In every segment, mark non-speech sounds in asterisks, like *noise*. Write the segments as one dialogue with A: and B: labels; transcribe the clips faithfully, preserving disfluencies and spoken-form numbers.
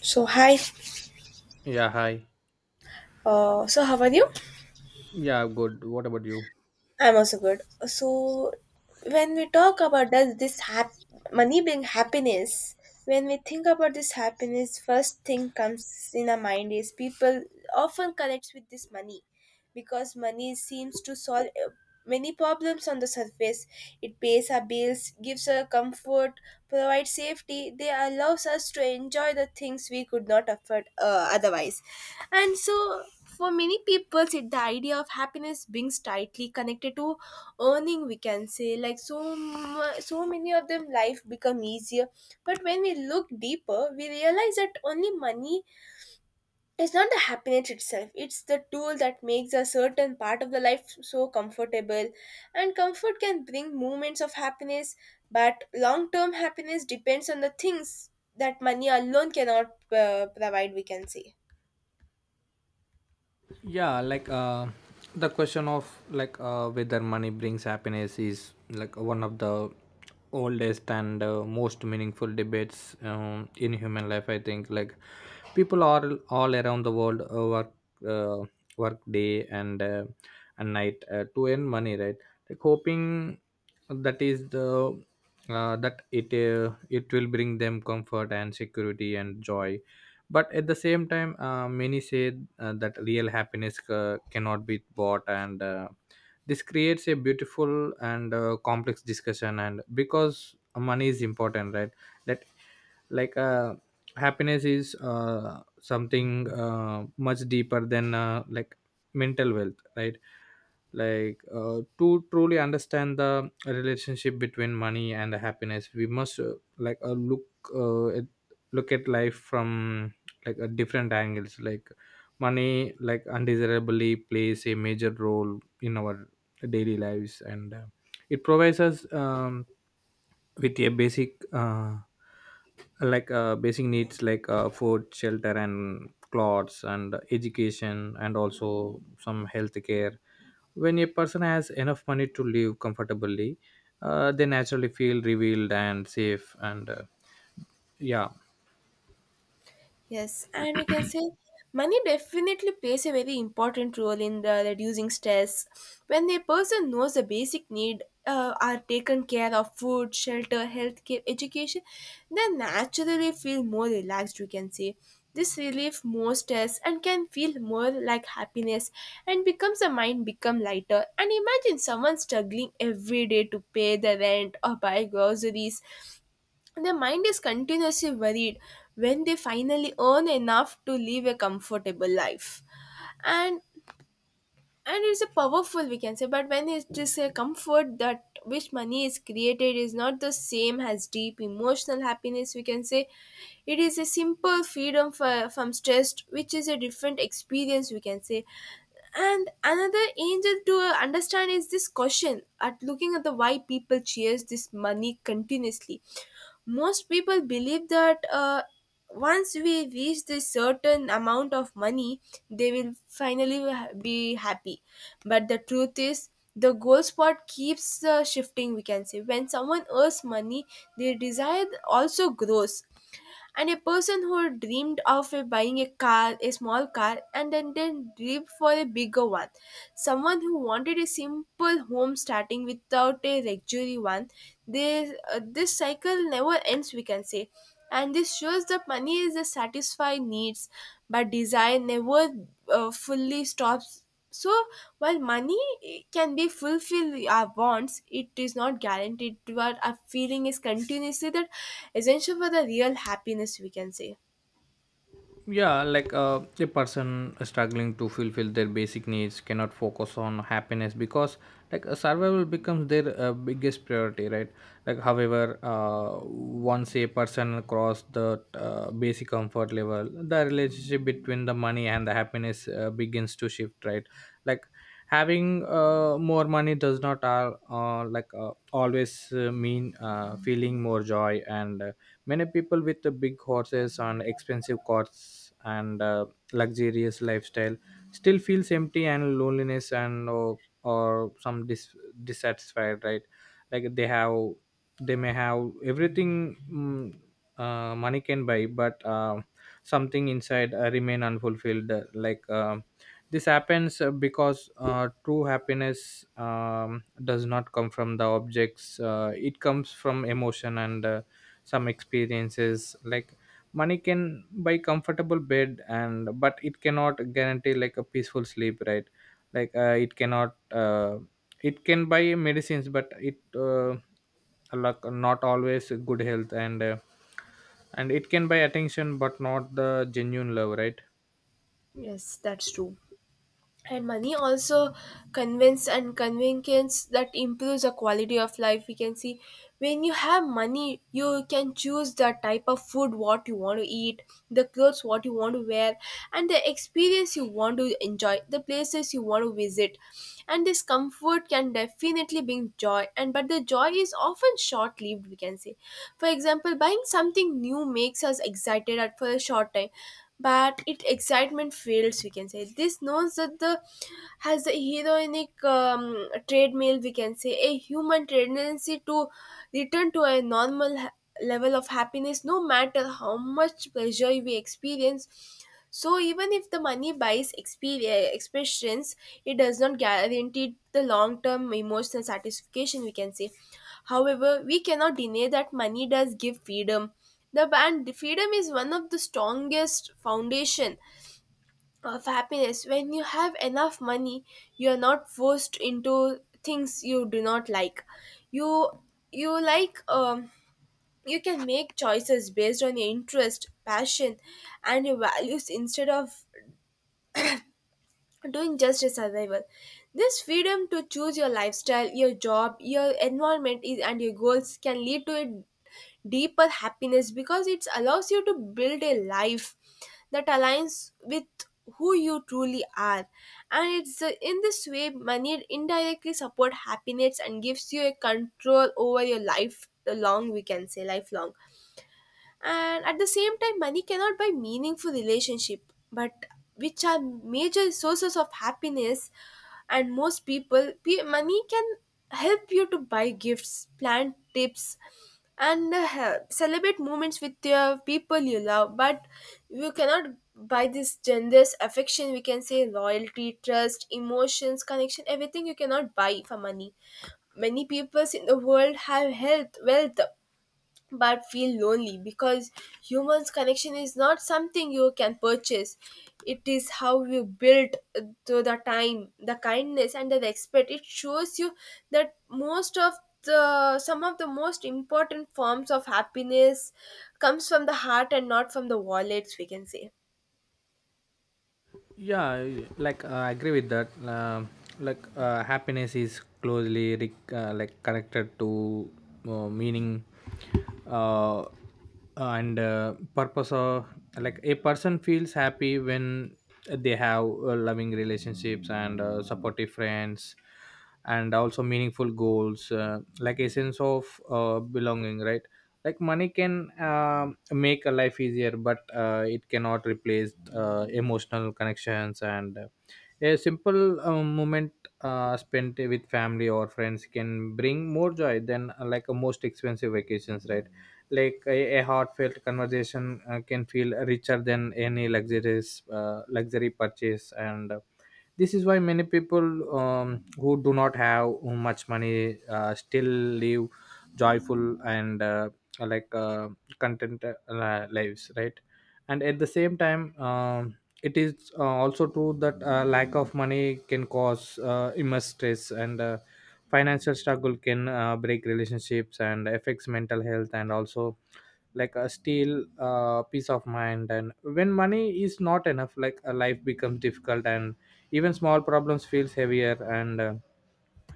A: So hi.
B: Yeah, hi.
A: Uh, so how are you?
B: Yeah, good. What about you?
A: I'm also good. So when we talk about does this hap- money being happiness, when we think about this happiness, first thing comes in our mind is people often connects with this money. Because money seems to solve uh, many problems on the surface. It pays our bills, gives us comfort, provides safety. They allows us to enjoy the things we could not afford uh, otherwise. And so, for many people, it, the idea of happiness beings tightly connected to earning. We can say like so, mu- so many of them life become easier. But when we look deeper, we realize that only money it's not the happiness itself, it's the tool that makes a certain part of the life so comfortable. And comfort can bring moments of happiness, but long term happiness depends on the things that money alone cannot uh, provide, we can say.
B: Yeah, like uh the question of like uh whether money brings happiness is like one of the oldest and uh, most meaningful debates um, in human life I think. Like people are all around the world uh, work uh, work day and uh, and night uh, to earn money, right? Like hoping that is the uh, that it uh, it will bring them comfort and security and joy. But at the same time uh, many say uh, that real happiness uh, cannot be bought, and uh, this creates a beautiful and uh, complex discussion, and because money is important, right? That, like uh, happiness is uh, something uh, much deeper than uh, like mental wealth, right? Like uh, to truly understand the relationship between money and happiness we must uh, like uh, look uh, at look at life from, like, at different angles. Like money, like, undesirably plays a major role in our daily lives, and uh, it provides us um, with a basic uh, like uh, basic needs like uh, food, shelter and clothes and education and also some health care. When a person has enough money to live comfortably, uh, they naturally feel revealed and safe, and uh, yeah.
A: Yes, and we can say money definitely plays a very important role in the reducing stress. When a person knows the basic need uh, are taken care of food, shelter, healthcare, education, they naturally feel more relaxed, we can say. This relief more stress and can feel more like happiness and becomes the mind become lighter. And imagine someone struggling every day to pay the rent or buy groceries their mind is continuously worried when they finally earn enough to live a comfortable life. And and it's a powerful we can say, but when it is a comfort that which money is created is not the same as deep emotional happiness we can say. It is a simple freedom for, from stress which is a different experience we can say. And another angel to understand is this question at looking at the why people chase this money continuously. Most people believe that uh, once we reach this certain amount of money they will finally ha- be happy, but the truth is the goal spot keeps uh, shifting we can say. When someone earns money their desire also grows, and a person who dreamed of uh, buying a car, a small car, and then, then dreamed for a bigger one, someone who wanted a simple home starting without a luxury one, this uh, this cycle never ends we can say. And this shows that money is a satisfy needs, but desire never uh, fully stops. So, while money eh, can be fulfill our wants, it is not guaranteed. What our feeling is continuously that essential for the real happiness, we can say.
B: Yeah, like uh, a person struggling to fulfill their basic needs cannot focus on happiness, because like uh, survival becomes their uh, biggest priority, right? Like, however, uh, once a person cross the uh, basic comfort level, the relationship between the money and the happiness uh, begins to shift, right? Like having uh, more money does not uh, uh, like uh, always uh, mean uh, feeling more joy, and uh, many people with the big horses and expensive cars and uh, luxurious lifestyle still feels empty and loneliness, and or, or some dis- dissatisfied, right? Like they have, they may have everything mm, uh, money can buy, but uh, something inside uh, remain unfulfilled uh, like. Um this happens uh, because uh, true happiness um, does not come from the objects, uh, it comes from emotion and uh, some experiences. Like money can buy comfortable bed, and but it cannot guarantee like a peaceful sleep, right? Like uh, it cannot uh, it can buy medicines, but it, uh, like, not always good health, and uh, and it can buy attention, but not the genuine love, right?
A: Yes, that's true. And money also convince and convenience that improves the quality of life we can see. When you have money you can choose the type of food what you want to eat, the clothes what you want to wear, and the experience you want to enjoy, the places you want to visit. And this comfort can definitely bring joy, and but the joy is often short lived we can say. For example buying something new makes us excited at for a short time, but it excitement fails we can say. This knows that the has a heroinic um, treadmill we can say, a human tendency to return to a normal level of happiness no matter how much pleasure we experience. So even if the money buys experience expressions it does not guarantee the long term emotional satisfaction we can say. However we cannot deny that money does give freedom, the and freedom is one of the strongest foundation of happiness. When you have enough money you are not forced into things you do not like, you you like um you can make choices based on your interest, passion, and your values instead of doing just a survival. This freedom to choose your lifestyle, your job, your environment, is, and your goals can lead to a deeper happiness because it allows you to build a life that aligns with who you truly are. And it's uh, in this way money indirectly support happiness and gives you a control over your life long we can say lifelong. And at the same time money cannot buy meaningful relationship, but which are major sources of happiness. And most people pe- money can help you to buy gifts, plan tips, and uh, help- celebrate moments with your people you love, but you cannot buy this generous affection we can say, loyalty, trust, emotions, connection, everything you cannot buy for money. Many peoples in the world have health wealth but feel lonely because humans connection is not something you can purchase. It is how you build through the time, the kindness and the respect it shows you, that most of the some of the most important forms of happiness comes from the heart and not from the wallets we can say.
B: Yeah, I- like uh, I agree with that um, like uh, happiness is closely re- uh, like connected to uh, meaning uh, uh, and uh, purpose of. Like a person feels happy when they have uh, loving relationships and uh, supportive friends and also meaningful goals, uh, like a sense of uh, belonging, right? Like money can um make a life easier, but uh, it cannot replace uh, emotional connections, and uh, a simple uh, moment uh, spent with family or friends can bring more joy than uh, like a most expensive vacations, right? Like a, a heartfelt conversation uh, can feel richer than any luxurious uh, luxury purchase, and uh, this is why many people um, who do not have much money uh, still live joyful and uh, like uh, content uh, lives, right? And at the same time um it is uh, also true that uh, lack of money can cause uh, immense stress, and uh, financial struggle can uh, break relationships and affects mental health, and also like a steal uh, peace of mind. And when money is not enough, like a life becomes difficult, and even small problems feels heavier, and uh,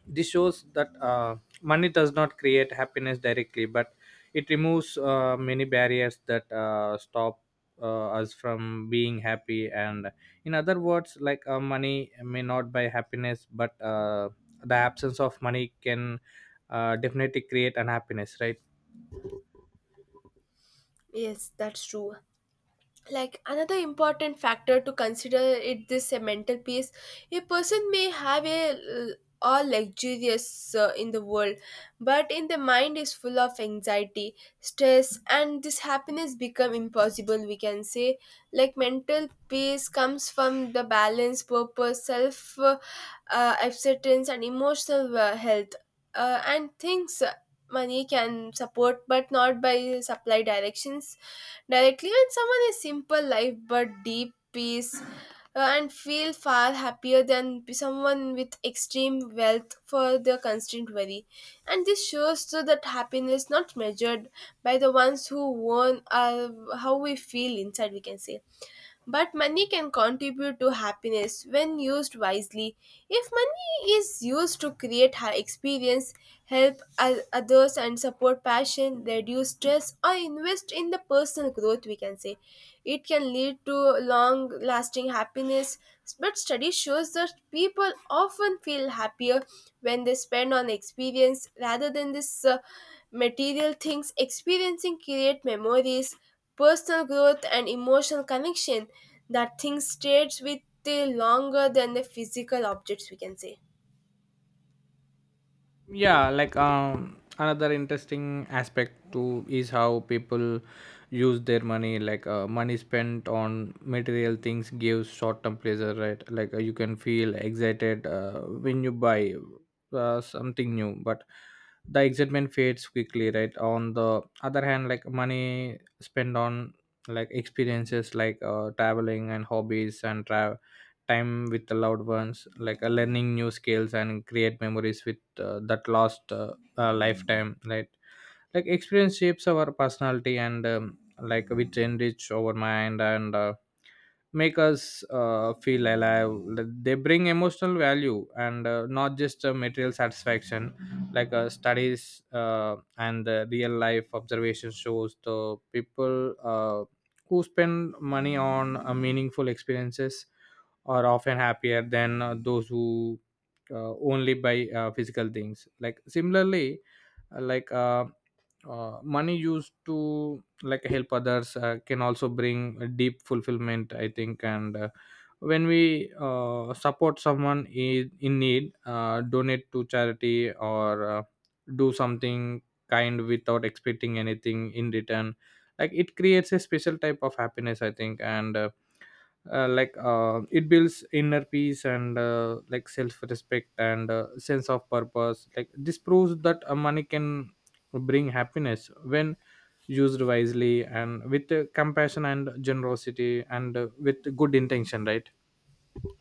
B: this shows that uh, money does not create happiness directly, but it removes uh, many barriers that uh, stop uh, us from being happy. And in other words, like uh, money may not buy happiness, but uh, the absence of money can uh, definitely create unhappiness, right?
A: Yes, that's true. Like another important factor to consider it this a mental peace. A person may have a l- all luxurious uh, in the world, but in the mind is full of anxiety, stress, and this happiness become impossible we can say. Like mental peace comes from the balance, purpose, self uh, uh, acceptance and emotional uh, health, uh, and things uh, money can support but not by supply directions directly. When someone is simple life but deep peace uh, and feel far happier than someone with extreme wealth for their constant worry, and this shows too that happiness not measured by the ones who own uh, how we feel inside we can say. But money can contribute to happiness when used wisely. If money is used to create high experience, help o- others, and support passion, reduce stress, or invest in the personal growth, we can say it can lead to long lasting happiness. But study shows that people often feel happier when they spend on experience rather than this uh, material things. Experiencing create memories, personal growth and emotional connection, that things stays with you longer than the physical objects we can say.
B: Yeah, like um another interesting aspect too is how people use their money. Like uh, money spent on material things gives short-term pleasure, right? Like uh, you can feel excited uh, when you buy uh, something new, but the excitement fades quickly, right? On the other hand, like money spent on like experiences, like uh, traveling and hobbies and travel time with the loved ones, like uh, learning new skills and create memories with uh, that last uh, uh, lifetime, right? Like experience shapes our personality and um, like, which enrich our mind, and uh, make us uh, feel alive. They bring emotional value, and uh, not just uh, material satisfaction. Like uh, studies uh, and uh, real life observation shows the people uh, who spend money on uh, meaningful experiences are often happier than uh, those who uh, only buy uh, physical things. Like, similarly, uh, like uh, uh, money used to, like, help others uh, can also bring a deep fulfillment, I think. And uh, when we uh, support someone in, in need, uh, donate to charity or uh, do something kind without expecting anything in return, like it creates a special type of happiness, I think. And uh, uh, like uh, it builds inner peace and uh, like self-respect and uh, sense of purpose. Like this proves that uh, money can bring happiness when used wisely and with uh, compassion and generosity and uh, with good intention, right?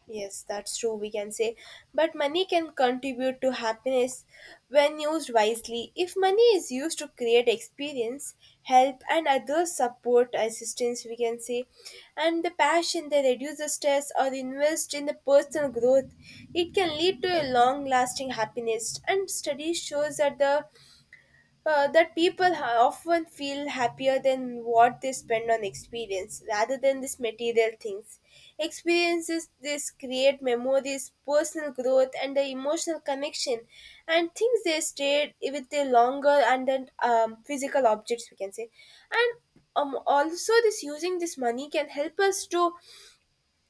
A: Yes, that's true we can say. But money can contribute to happiness when used wisely. If money is used to create experience, help and other support assistance we can say, and the passion that reduces stress or invest in the personal growth, it can lead to a long lasting happiness. And study shows that the uh, that people ha- often feel happier than what they spend on experience rather than these material things. Experiences this create memories, personal growth, and the emotional connection, and things they stayed with the longer and then um, physical objects we can say. And um, also this using this money can help us to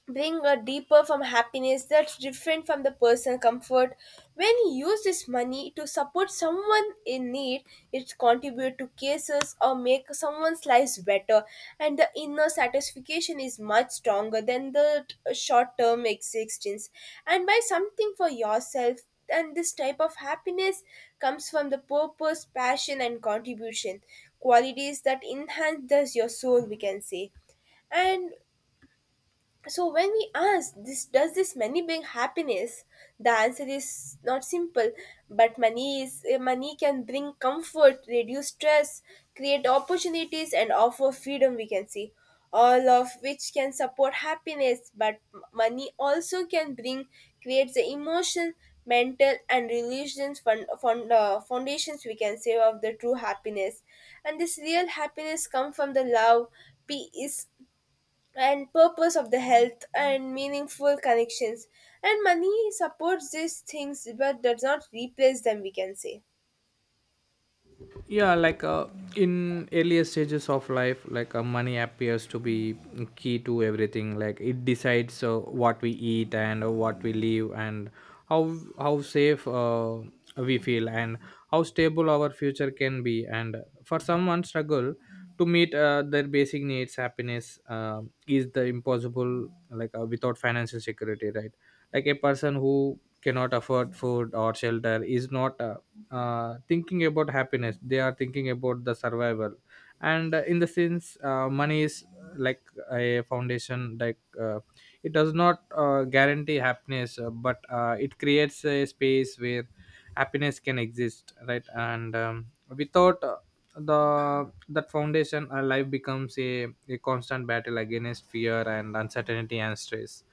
A: bring a deeper from happiness that's different from the personal comfort. When you use this money to support someone in need it contribute to cases or make someone's lives better, and the inner satisfaction is much stronger than the t- uh, short-term existence and buy something for yourself. And this type of happiness comes from the purpose, passion and contribution, qualities that enhance thus your soul we can say. And so when we ask this does this money bring happiness, the answer is not simple. But money is eh, money can bring comfort, reduce stress, create opportunities, and offer freedom. We can see all of which can support happiness. But m- money also can bring creates the emotion, mental, and religions fund, fund, uh, foundations. We can say of the true happiness, and this real happiness come from the love, peace, and purpose of the health and meaningful connections, and money supports these things but does not replace them we can say.
B: Yeah, like uh, in earlier stages of life, like uh, money appears to be key to everything. Like it decides uh, what we eat and uh, what we live, and how how safe uh, we feel and how stable our future can be. And for someone struggle to meet uh, their basic needs, happiness uh, is the impossible, like uh, without financial security, right? Like a person who cannot afford food or shelter is not uh, uh, thinking about happiness, they are thinking about the survival. And uh, in the sense, uh, money is, uh, like, a foundation. Like uh, it does not uh, guarantee happiness, uh, but uh, it creates a space where happiness can exist, right? And um, without uh, the that foundation our life becomes a, a constant battle against fear and uncertainty and stress.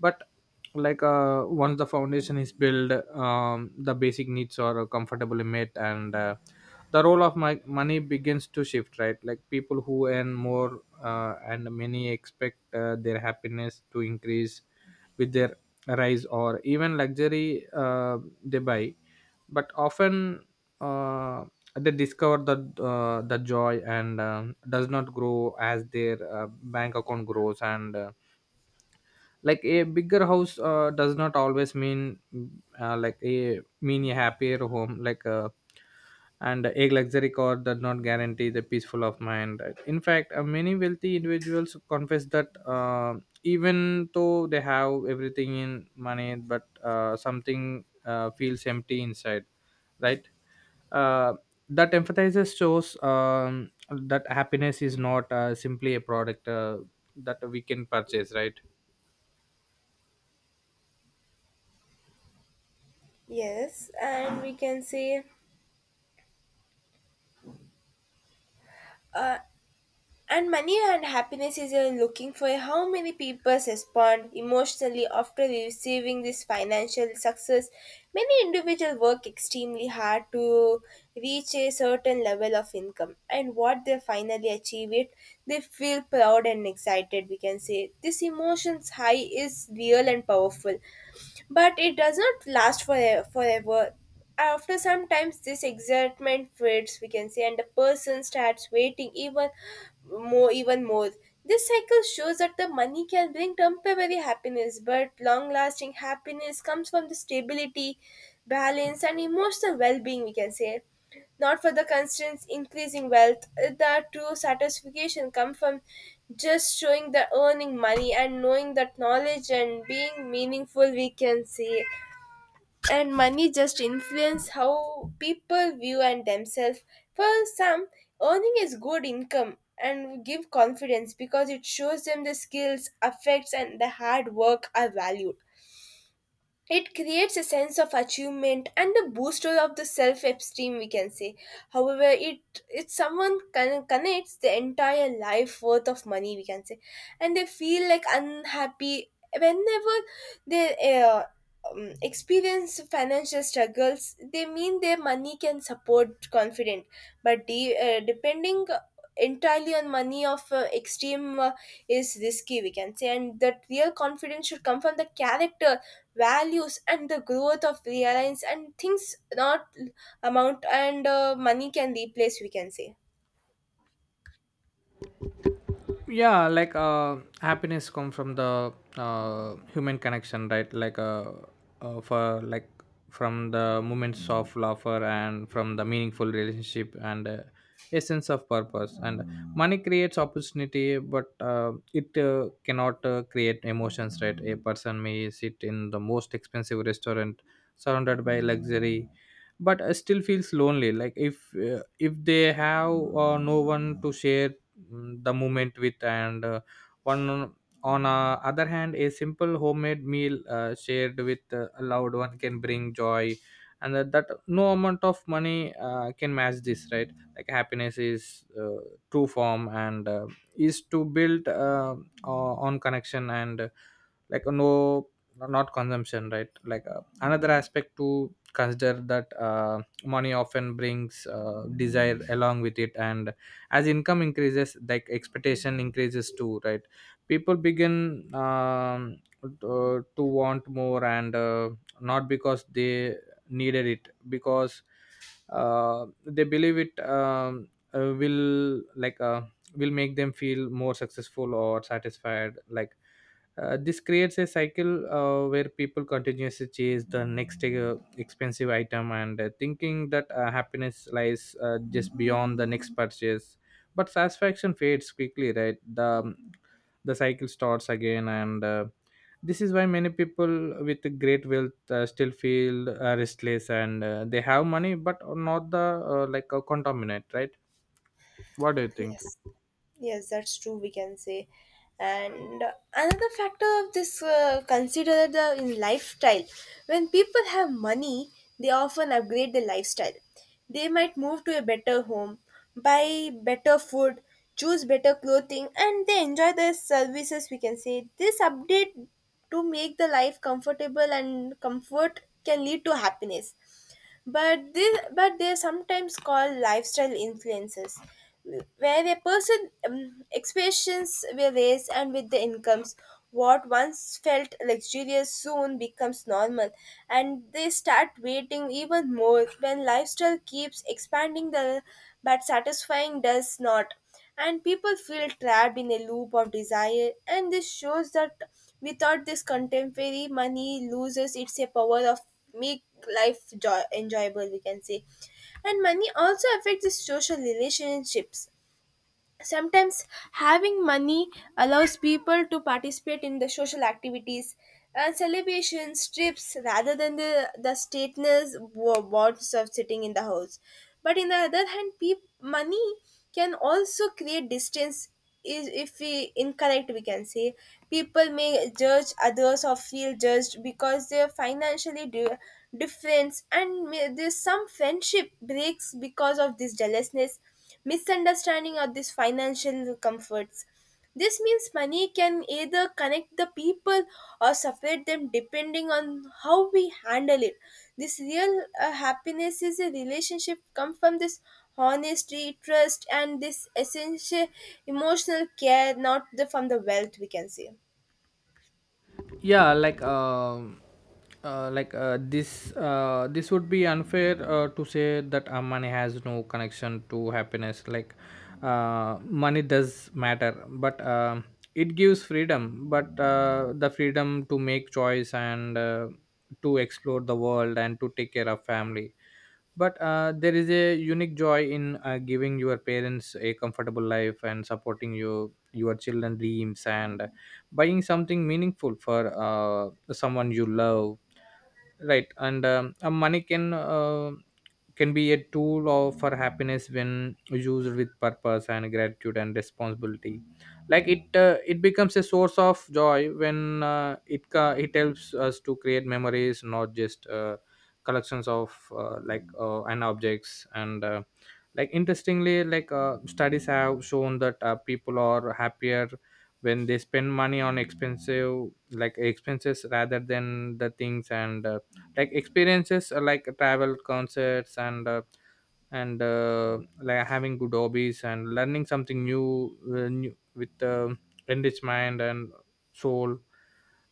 B: But, like, uh, once the foundation is built um, the basic needs are comfortably met, and uh, the role of my money begins to shift, right? Like people who earn more, uh, and many expect uh, their happiness to increase with their rise or even luxury uh, they buy. But often uh, they discover that uh, the joy and um, does not grow as their uh, bank account grows, and uh, like a bigger house uh, does not always mean uh, like a mean a happier home, like. Uh, and a luxury car does not guarantee the peaceful of mind, right? In fact, uh, many wealthy individuals confess that, uh, even though they have everything in money, but uh, something uh, feels empty inside, right? uh, that emphasizes shows um, that happiness is not uh, simply a product uh, that we can purchase, right?
A: Yes, and we can say, uh, and money and happiness is a looking for how many people respond emotionally after receiving this financial success. Many individuals work extremely hard to reach a certain level of income, and what they finally achieve it, they feel proud and excited. We can say this emotion's high is real and powerful but it does not last forever. forever. After some times, this excitement fades, we can say, and the person starts waiting even more, even more. This cycle shows that the money can bring temporary happiness, but long-lasting happiness comes from the stability, balance, and emotional well-being. We can say not for the constant increasing wealth. The true satisfaction comes from just showing the earning money and knowing that knowledge and being meaningful we can say. And money just influence how people view and themselves. For some, earning is good income and give confidence because it shows them the skills, affects and the hard work are valued. It creates a sense of achievement and a booster of the self-esteem we can say. However it it someone con- connects the entire life worth of money we can say, and they feel like unhappy whenever they uh, um, experience financial struggles. They mean their money can support confident, but de- uh, depending entirely on money of uh, extreme uh, is risky we can say, and that real confidence should come from the character, values and the growth of the reliance and things, not amount and uh, money can replace we can say.
B: Yeah, like uh happiness come from the uh human connection, right? Like uh, uh for, like, from the moments of laughter and from the meaningful relationship, and uh, a sense of purpose. And money creates opportunity, but uh, it uh, cannot uh, create emotions, right? A person may sit in the most expensive restaurant surrounded by luxury, but uh, still feels lonely, like if uh, if they have uh, no one to share mm, the moment with, and uh, one on uh, other hand a simple homemade meal uh, shared with uh, a loved one can bring joy, and that, that no amount of money uh, can match this, right? Like happiness is uh, true form, and uh, is to build uh, o- on connection, and uh, like no, not consumption, right? Like uh, another aspect to consider, that uh, money often brings uh, desire along with it, and as income increases, like expectation increases too, right? People begin um, to, to want more, and uh, not because they needed it, because uh, they believe it um, uh, will like uh, will make them feel more successful or satisfied. Like uh, this creates a cycle uh, where people continuously chase the next uh, expensive item and uh, thinking that uh, happiness lies uh, just beyond the next purchase. But satisfaction fades quickly, right? The um, the cycle starts again, and uh, this is why many people with great wealth uh, still feel uh, restless, and uh, they have money but not the, uh, like, a contaminant, right? What do you think?
A: Yes, yes, that's true, we can say. And another factor of this uh, consider the in lifestyle. When people have money, they often upgrade their lifestyle. They might move to a better home, buy better food, choose better clothing, and they enjoy the services. We can say this update to make the life comfortable, and comfort can lead to happiness, but this but they're sometimes called lifestyle influences, where a person um, expectations were raised and with the incomes, what once felt luxurious soon becomes normal, and they start waiting even more when lifestyle keeps expanding the but satisfying does not, and people feel trapped in a loop of desire. And this shows that without this contemporary, money loses its power of make life joy- enjoyable we can say. And money also affects the social relationships. Sometimes having money allows people to participate in the social activities and celebrations trips rather than the the stateless wo- bonds of sitting in the house. But in the other hand, peop- money can also create distance is if we incorrect we can say. People may judge others or feel judged because they're financially di- different, and may, there's some friendship breaks because of this jealousness, misunderstanding of these financial comforts. This means money can either connect the people or separate them depending on how we handle it. This real uh, happiness is a relationship come from this honesty, trust, and this essential emotional care, not the from the wealth we can say.
B: Yeah, like um uh, like uh, this uh, this would be unfair uh, to say that uh, money has no connection to happiness. Like uh, money does matter, but um it gives freedom, but uh, the freedom to make choice and uh, to explore the world and to take care of family. But uh, there is a unique joy in uh, giving your parents a comfortable life and supporting your your children dreams and buying something meaningful for uh, Someone you love, right? And um, a money can uh, can be a tool of for happiness when used with purpose and gratitude and responsibility. Like it uh, it becomes a source of joy when uh, it ca- it helps us to create memories, not just uh, collections of uh, like uh, and objects and uh, like interestingly like uh, studies have shown that uh, people are happier when they spend money on expensive like expenses rather than the things and uh, like experiences, uh, like travel, concerts and uh, and uh, like having good hobbies and learning something new, uh, new with uh, enriched mind and soul.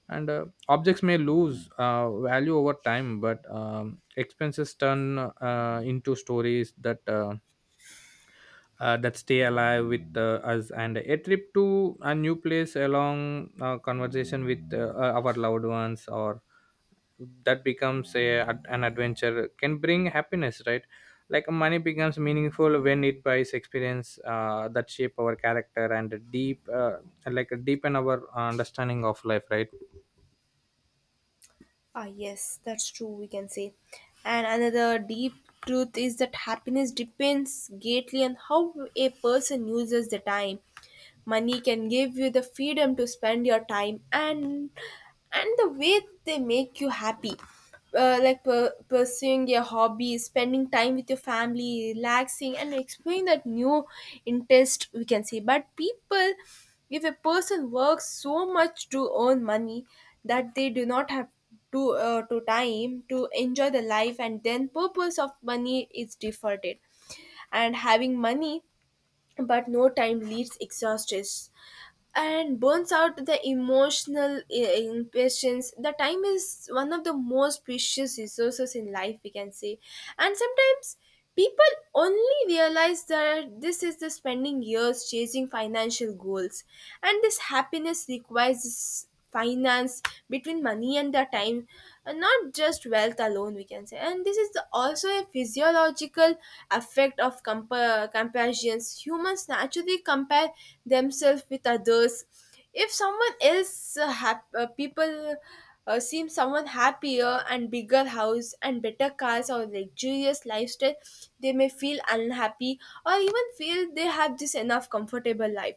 B: And uh, Objects may lose uh, value over time, but um, expenses turn uh, into stories that uh, uh, that stay alive with uh, us, and a trip to a new place along uh, conversation with uh, uh, our loved ones or that becomes a, an adventure can bring happiness, right? Like money becomes meaningful when it buys experience uh, that shape our character and deep uh, like deepen our understanding of life, right?
A: Ah, yes, that's true, we can say. And another deep truth is that happiness depends greatly on how a person uses the time. Money can give you the freedom to spend your time and and the way they make you happy, uh, like per- pursuing your hobby, spending time with your family, relaxing and exploring that new interest we can say. But people, if a person works so much to earn money that they do not have to uh, to time to enjoy the life, and then purpose of money is deferred, and having money but no time leads exhaustion and burns out the emotional i- impatience. The time is one of the most precious resources in life we can say. And sometimes people only realize that this is the spending years chasing financial goals, and this happiness requires finance between money and the time and not just wealth alone we can say. And this is the- also a physiological effect of compa- comparisons. Humans naturally compare themselves with others. If someone else uh, hap- uh, people uh, seem someone happier and bigger house and better cars or luxurious lifestyle, they may feel unhappy or even feel they have this enough comfortable life.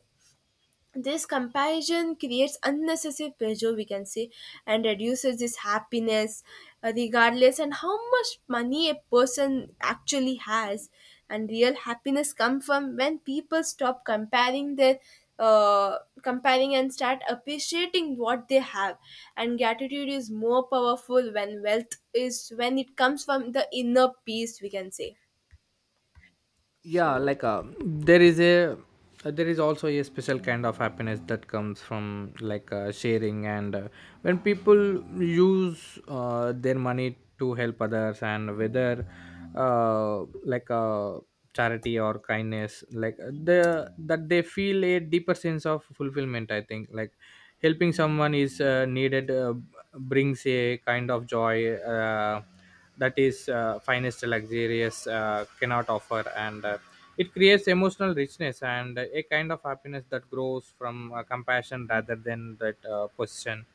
A: This comparison creates unnecessary pressure we can say, and reduces this happiness uh, regardless and how much money a person actually has. And real happiness comes from when people stop comparing their uh, comparing and start appreciating what they have, and gratitude is more powerful when wealth is when it comes from the inner peace we can say.
B: Yeah,
A: So
B: like uh, there is a uh, there is also a special kind of happiness that comes from like uh, sharing. And uh, When people use uh, their money to help others, and whether uh, like uh, charity or kindness, like uh, the that they feel a deeper sense of fulfillment. I think like helping someone is uh, needed uh, brings a kind of joy uh, that is uh, finest luxurious uh, cannot offer. And uh, It creates emotional richness and a kind of happiness that grows from uh, compassion rather than that uh, possession.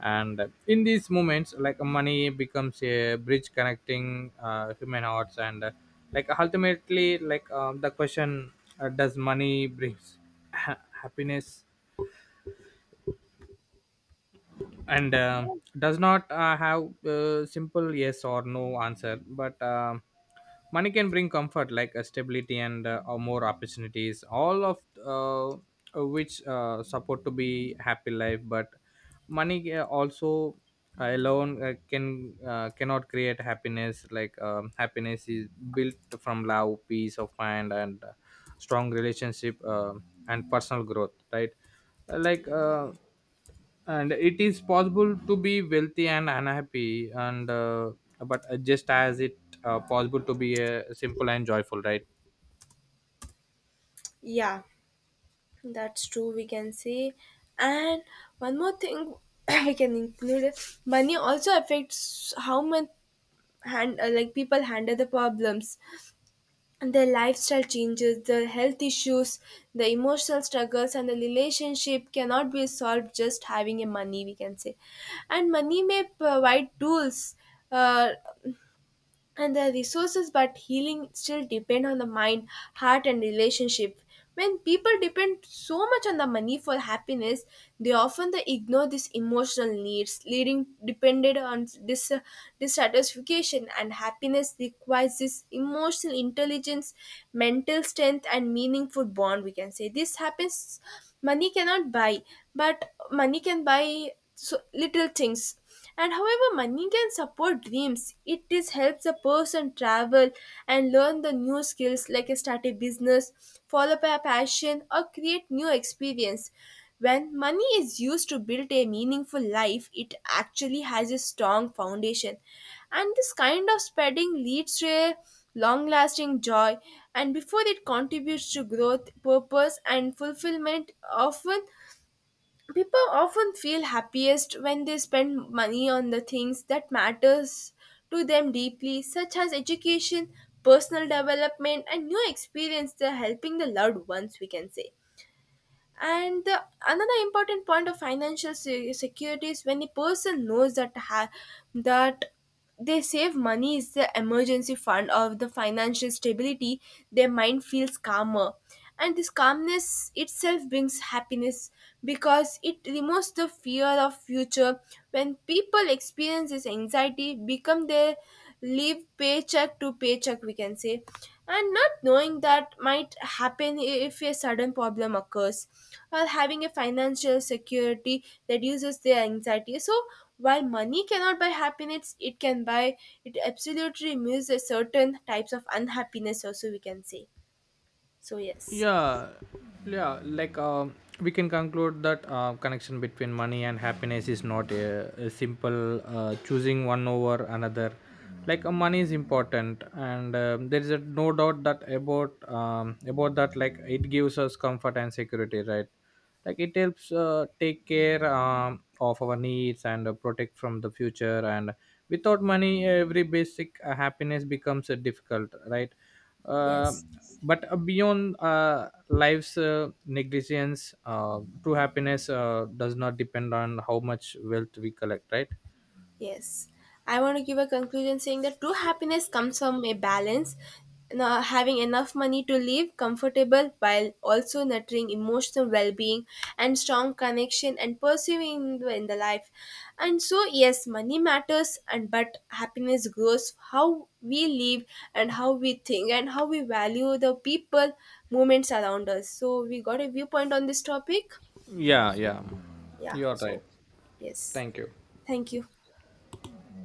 B: And in these moments, like, money becomes a bridge connecting uh, human hearts. And uh, Like ultimately, like, um, the question, uh, does money brings *laughs* ha- happiness and um does not uh, have uh, simple yes or no answer, but um money can bring comfort, like uh, stability and uh, or more opportunities, all of uh, which uh, support to be happy life. But money uh, also uh, alone uh, can uh, cannot create happiness. Like um, happiness is built from love, peace of mind and uh, strong relationship uh, and personal growth, right? Uh, like uh, and it is possible to be wealthy and unhappy, and uh, but uh, just as it uh, possible to be uh, simple and joyful, right?
A: yeah. That's true, we can say. And one more thing *clears throat* we can include money also affects how much hand uh, like people handle the problems, and their lifestyle changes, the health issues, the emotional struggles and the relationship cannot be solved just having a money we can say. And money may provide tools. Uh, and the resources, but healing still depend on the mind, heart and relationship. When people depend so much on the money for happiness, they often they ignore these emotional needs, leading depended on dis- dissatisfaction. And happiness requires this emotional intelligence, mental strength and meaningful bond we can say. This happens money cannot buy, but money can buy so little things. And however money can support dreams, it is helps a person travel and learn the new skills, like uh, start a business, follow up a passion or create new experience. When money is used to build a meaningful life, it actually has a strong foundation, and this kind of spreading leads to a long lasting joy, and before it contributes to growth, purpose and fulfillment. Often people often feel happiest when they spend money on the things that matters to them deeply, such as education, personal development and new experience they're helping the loved ones we can say. And the, another important point of financial se- security is when a person knows that ha- that they save money is the emergency fund or the financial stability, their mind feels calmer, and this calmness itself brings happiness because it removes the fear of future. When people experience this anxiety become their live paycheck to paycheck we can say, and not knowing that might happen if a sudden problem occurs, or having a financial security reduces their anxiety. So while money cannot buy happiness, it can buy, it absolutely removes a certain types of unhappiness also we can say. So yes,
B: yeah yeah like um, we can conclude that uh, connection between money and happiness is not a, a simple uh, choosing one over another. Like uh, money is important, and um, there is a, no doubt that about um, about that like it gives us comfort and security, right? Like it helps uh, take care um, of our needs and uh, protect from the future, and without money every basic uh, happiness becomes uh, difficult, right? uh,
A: yes.
B: but uh, beyond uh, life's uh, negligence, uh, true happiness uh, does not depend on how much wealth we collect, right?
A: Yes, I want to give a conclusion saying that true happiness comes from a balance, now having enough money to live comfortable while also nurturing emotional well-being and strong connection and pursuing in the life. And so yes, money matters, and but happiness grows how we live and how we think and how we value the people, moments around us. So we got a viewpoint on this topic.
B: yeah yeah
A: Yeah.
B: you're right,
A: So yes,
B: thank you.
A: thank you.